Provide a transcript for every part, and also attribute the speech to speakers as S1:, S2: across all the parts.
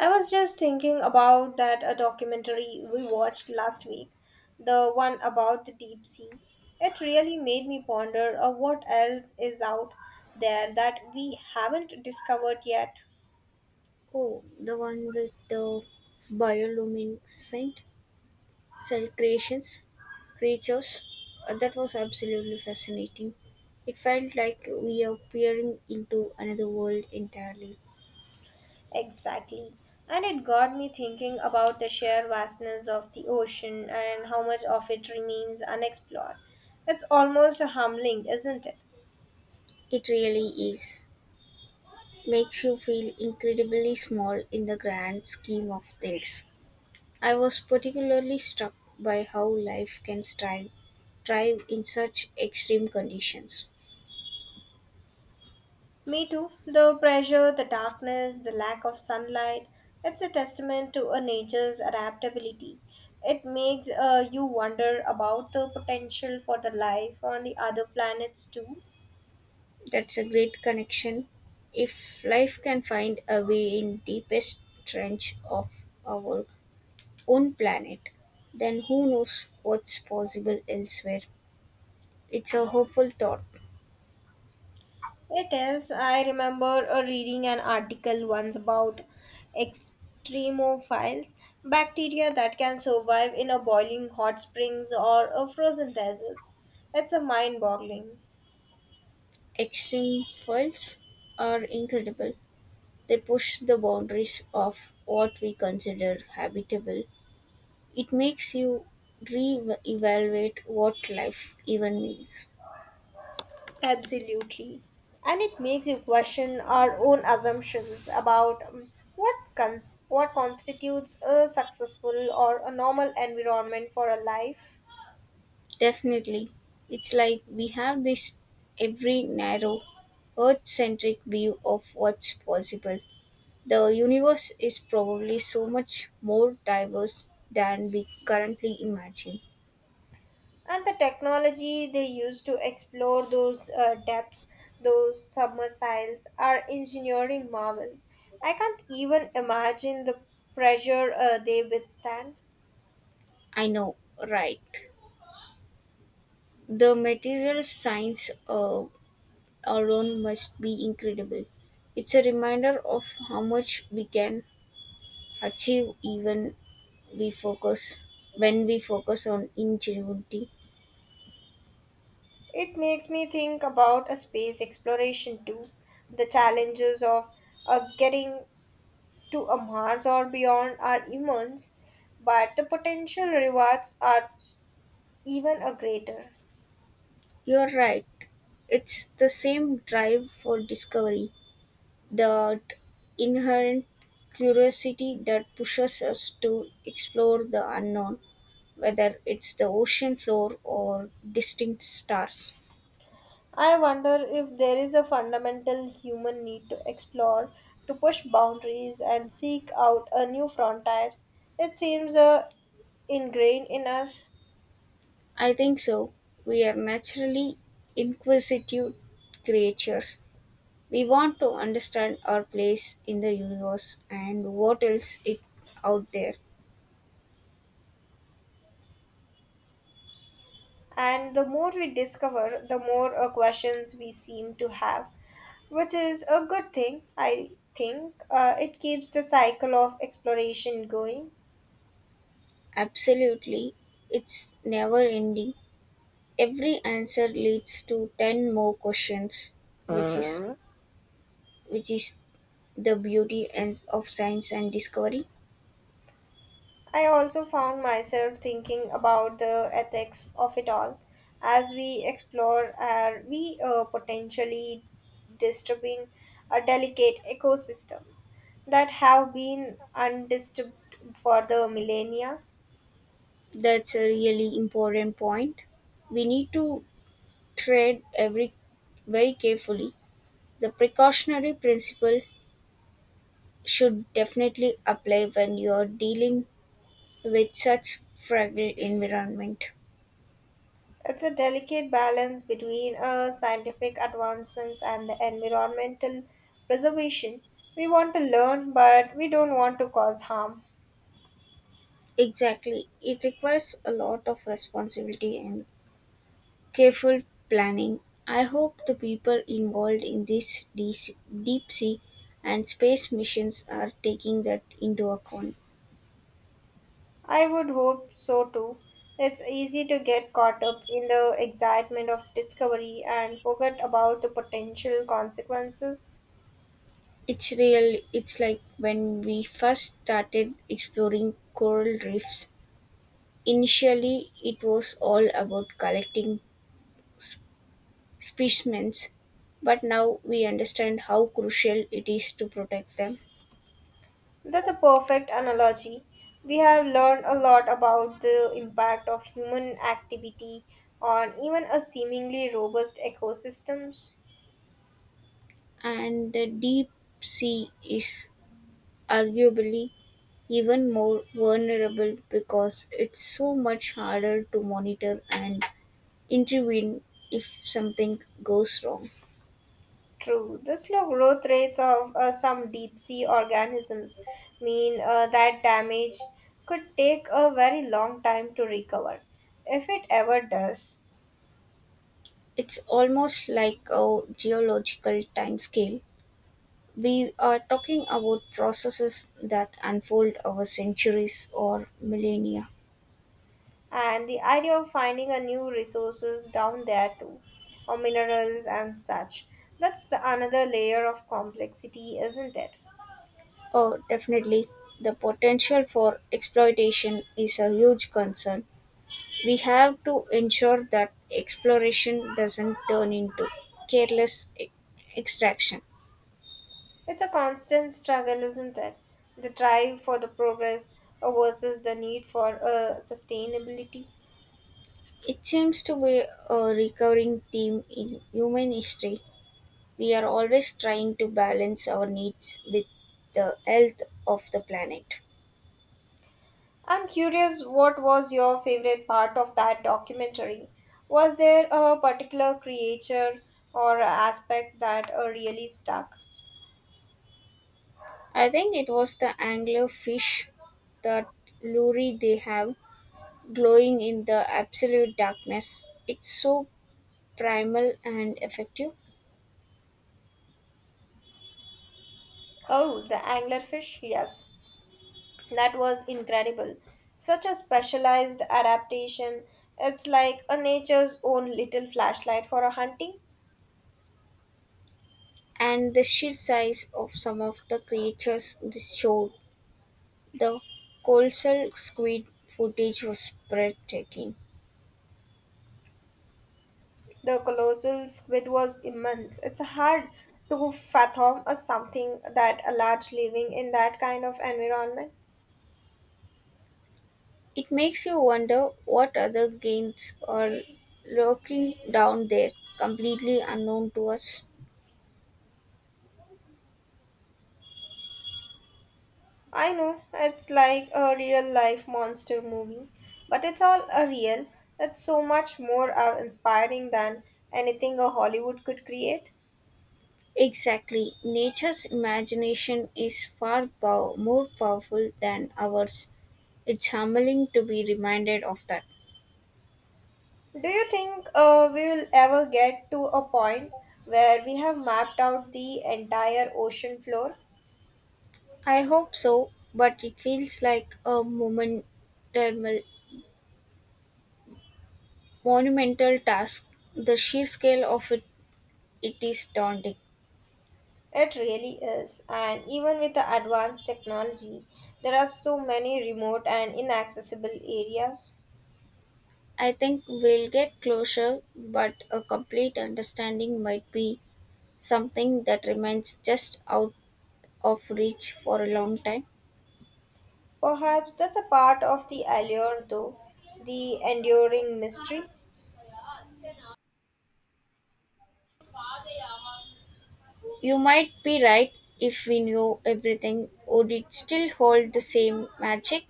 S1: I was just thinking about that a documentary we watched last week, the one about the deep sea. It really made me ponder, what else is out there that we haven't discovered yet.
S2: Oh, the one with the bioluminescent cell creations, creatures. That was absolutely fascinating. It felt like we are peering into another world entirely.
S1: Exactly. And it got me thinking about the sheer vastness of the ocean and how much of it remains unexplored. It's almost humbling, isn't it?
S2: It really is. Makes you feel incredibly small in the grand scheme of things. I was particularly struck by how life can thrive in such extreme conditions.
S1: Me too. The pressure, the darkness, the lack of sunlight, it's a testament to a nature's adaptability. It makes, you wonder about the potential for the life on the other planets too.
S2: That's a great connection. If life can find a way in deepest trench of our own planet, then who knows what's possible elsewhere. It's a hopeful thought.
S1: It is. I remember reading an article once about extremophiles, bacteria that can survive in a boiling hot springs or a frozen deserts. It's a mind boggling.
S2: Extreme files are incredible. They push the boundaries of what we consider habitable. It makes you re-evaluate what life even means.
S1: Absolutely. And it makes you question our own assumptions about, what constitutes a successful or a normal environment for a life,
S2: Definitely. It's like we have this every narrow, earth centric view of what's possible. The universe is probably so much more diverse than we currently imagine.
S1: and the technology they use to explore those depths. Those submersiles are engineering marvels. I can't even imagine the pressure they withstand.
S2: I know, right? The material science alone must be incredible. It's a reminder of how much we can achieve even we focus when we focus on ingenuity.
S1: It makes me think about a space exploration too. The challenges of getting to a Mars or beyond are immense, but the potential rewards are even a greater.
S2: You're right. It's the same drive for discovery, that inherent curiosity that pushes us to explore the unknown, whether it's the ocean floor or distant stars.
S1: I wonder if there is a fundamental human need to explore, to push boundaries and seek out a new frontiers. It seems ingrained in us,
S2: I think so. We are naturally inquisitive creatures. We want to understand our place in the universe and what else is out there.
S1: and the more we discover, the more questions we seem to have, which is a good thing, I think. It keeps the cycle of exploration going.
S2: Absolutely. It's never ending, every answer leads to 10 more questions, which is Alright. Which is the beauty and of science and discovery.
S1: I also found myself thinking about the ethics of it all. As we explore, are we potentially disturbing delicate ecosystems that have been undisturbed for the millennia?
S2: That's a really important point. We need to tread every very carefully. The precautionary principle should definitely apply when you are dealing with such fragile environment.
S1: It's a delicate balance between scientific advancements and the environmental preservation. We want to learn, but we don't want to cause harm.
S2: Exactly, it requires a lot of responsibility and careful planning. I hope the people involved in these deep sea and space missions are taking that into account.
S1: I would hope so too. It's easy to get caught up in the excitement of discovery and forget about the potential consequences.
S2: It's real. It's like when we first started exploring coral reefs. Initially, it was all about collecting sp- specimens, but now we understand how crucial it is to protect them.
S1: That's a perfect analogy. We have learned a lot about the impact of human activity on even a seemingly robust ecosystems.
S2: And the deep sea is arguably even more vulnerable because it's so much harder to monitor and intervene if something goes wrong.
S1: True. The slow growth rates of some deep sea organisms mean that damage could take a very long time to recover, if it ever does.
S2: It's almost like a geological timescale. We are talking about processes that unfold over centuries or millennia.
S1: And the idea of finding a new resources down there too, or minerals and such. That's the another layer of complexity, isn't it?
S2: Oh, definitely. The potential for exploitation is a huge concern. We have to ensure that exploration doesn't turn into careless e- extraction.
S1: It's a constant struggle, isn't it? The drive for the progress versus the need for sustainability.
S2: It seems to be a recurring theme in human history. We are always trying to balance our needs with the health of the planet.
S1: I'm curious, what was your favorite part of that documentary? Was there a particular creature or aspect that really stuck?
S2: I think it was the anglerfish, that lure they have glowing in the absolute darkness. It's so primal and effective.
S1: Oh, the anglerfish, yes. That was incredible. Such a specialized adaptation. It's like a nature's own little flashlight for a hunting.
S2: And the sheer size of some of the creatures this showed. The colossal squid footage was breathtaking.
S1: The colossal squid was immense. It's hard to fathom a something that a large living in that kind of environment.
S2: It makes you wonder what other games are lurking down there, completely unknown to us.
S1: I know, it's like a real life monster movie, but it's all a real. That's so much more inspiring than anything a Hollywood could create.
S2: Exactly, nature's imagination is far more powerful than ours. It's humbling to be reminded of that.
S1: Do you think we will ever get to a point where we have mapped out the entire ocean floor?
S2: I hope so, but it feels like a moment monumental task. The sheer scale of it, it is daunting.
S1: It really is, and even with the advanced technology, there are so many remote and inaccessible areas.
S2: I think we'll get closer, but a complete understanding might be something that remains just out of reach for a long time.
S1: Perhaps that's a part of the allure, though, the enduring mystery.
S2: You might be right. If we knew everything, would it still hold the same magic?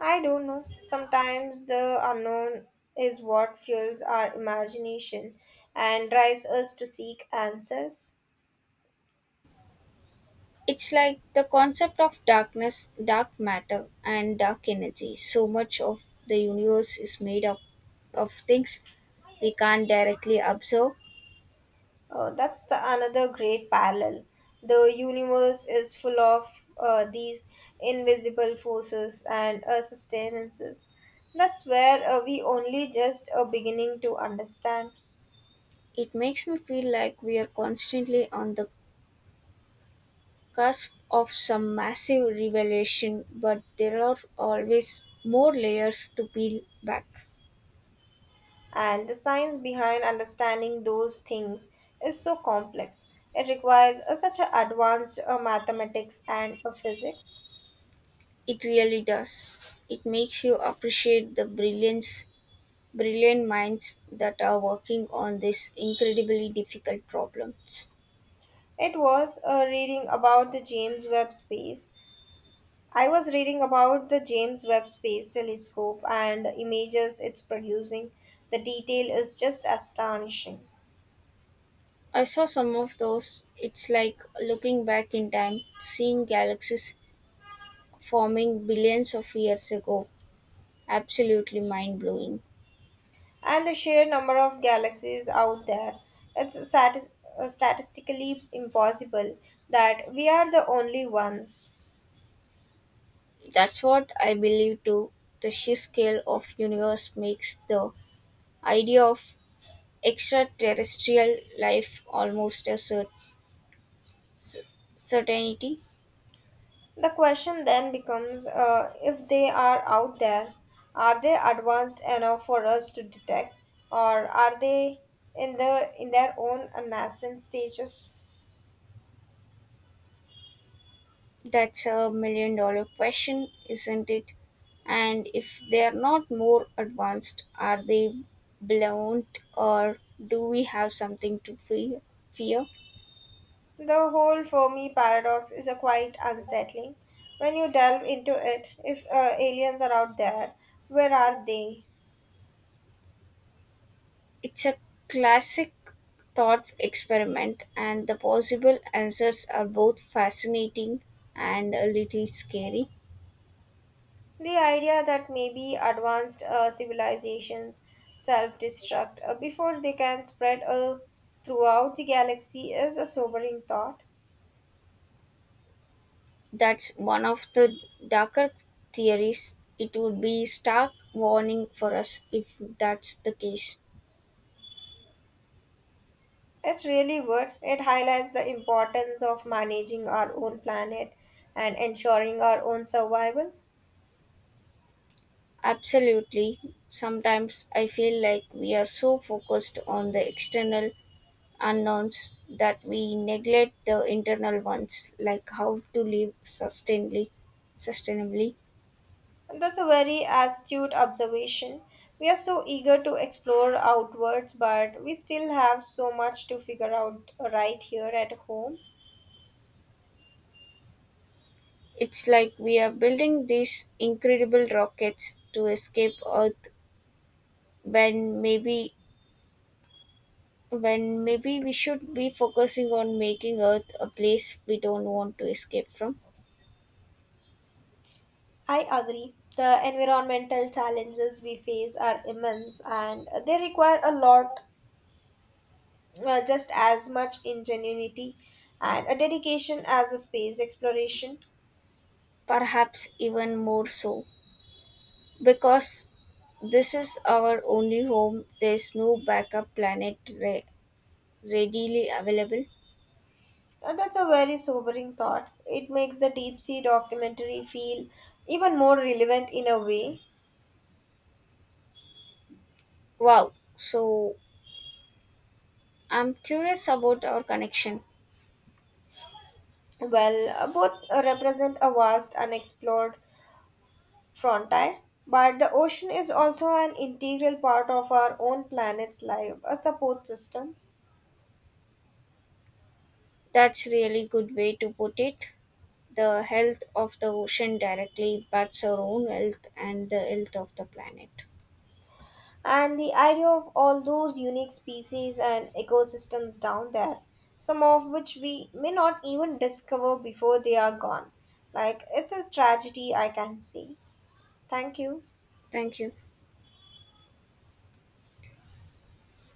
S1: I don't know. Sometimes the unknown is what fuels our imagination and drives us to seek answers.
S2: It's like the concept of darkness, dark matter, and dark energy. So much of the universe is made up of things we can't directly observe.
S1: That's the another great parallel. The universe is full of these invisible forces and sustenances. That's where we only just are beginning to understand.
S2: It makes me feel like we are constantly on the cusp of some massive revelation, but there are always more layers to peel back.
S1: And the science behind understanding those things is so complex. It requires a, such a advanced mathematics and a physics.
S2: It really does. It makes you appreciate brilliant minds that are working on these incredibly difficult problems.
S1: It was reading about the James Webb Space. I was reading about the James Webb Space Telescope and the images it's producing. The detail is just astonishing.
S2: I saw some of those. It's like looking back in time, seeing galaxies forming billions of years ago. Absolutely mind blowing.
S1: And the sheer number of galaxies out there. It's statistically impossible that we are the only ones.
S2: That's what I believe too. The sheer scale of universe makes the idea of extraterrestrial life almost a c- certainty.
S1: The question then becomes, if they are out there, are they advanced enough for us to detect, or are they in their own nascent stages?
S2: That's a million dollar question, isn't it? And if they are not more advanced, are they blunt or do we have something to fear?
S1: The whole Fermi paradox is a quite unsettling. When you delve into it, if aliens are out there, where are they?
S2: It's a classic thought experiment, and the possible answers are both fascinating and a little scary.
S1: The idea that maybe advanced civilizations self destruct before they can spread throughout the galaxy is a sobering thought.
S2: That's one of the darker theories. It would be stark warning for us if that's the case.
S1: It really would. It highlights the importance of managing our own planet and ensuring our own survival.
S2: Absolutely. Sometimes I feel like we are so focused on the external unknowns that we neglect the internal ones, like how to live sustainably.
S1: And that's a very astute observation. We are so eager to explore outwards, but we still have so much to figure out right here at home.
S2: It's like we are building these incredible rockets to escape Earth when maybe when maybe we should be focusing on making Earth a place we don't want to escape from.
S1: I agree. The environmental challenges we face are immense and they require a lot, just as much ingenuity and a dedication as a space exploration.
S2: Perhaps even more so. Because this is our only home, there's no backup readily available.
S1: And that's a very sobering thought. It makes the deep sea documentary feel even more relevant in a way.
S2: Wow. So I'm curious about our connection.
S1: Well, both represent a vast unexplored frontiers, but the ocean is also an integral part of our own planet's life, a support system.
S2: That's really good way to put it. The health of the ocean directly impacts our own health and the health of the planet.
S1: And the idea of all those unique species and ecosystems down there, some of which we may not even discover before they are gone. Like, it's a tragedy I can see. Thank you.
S2: Thank you.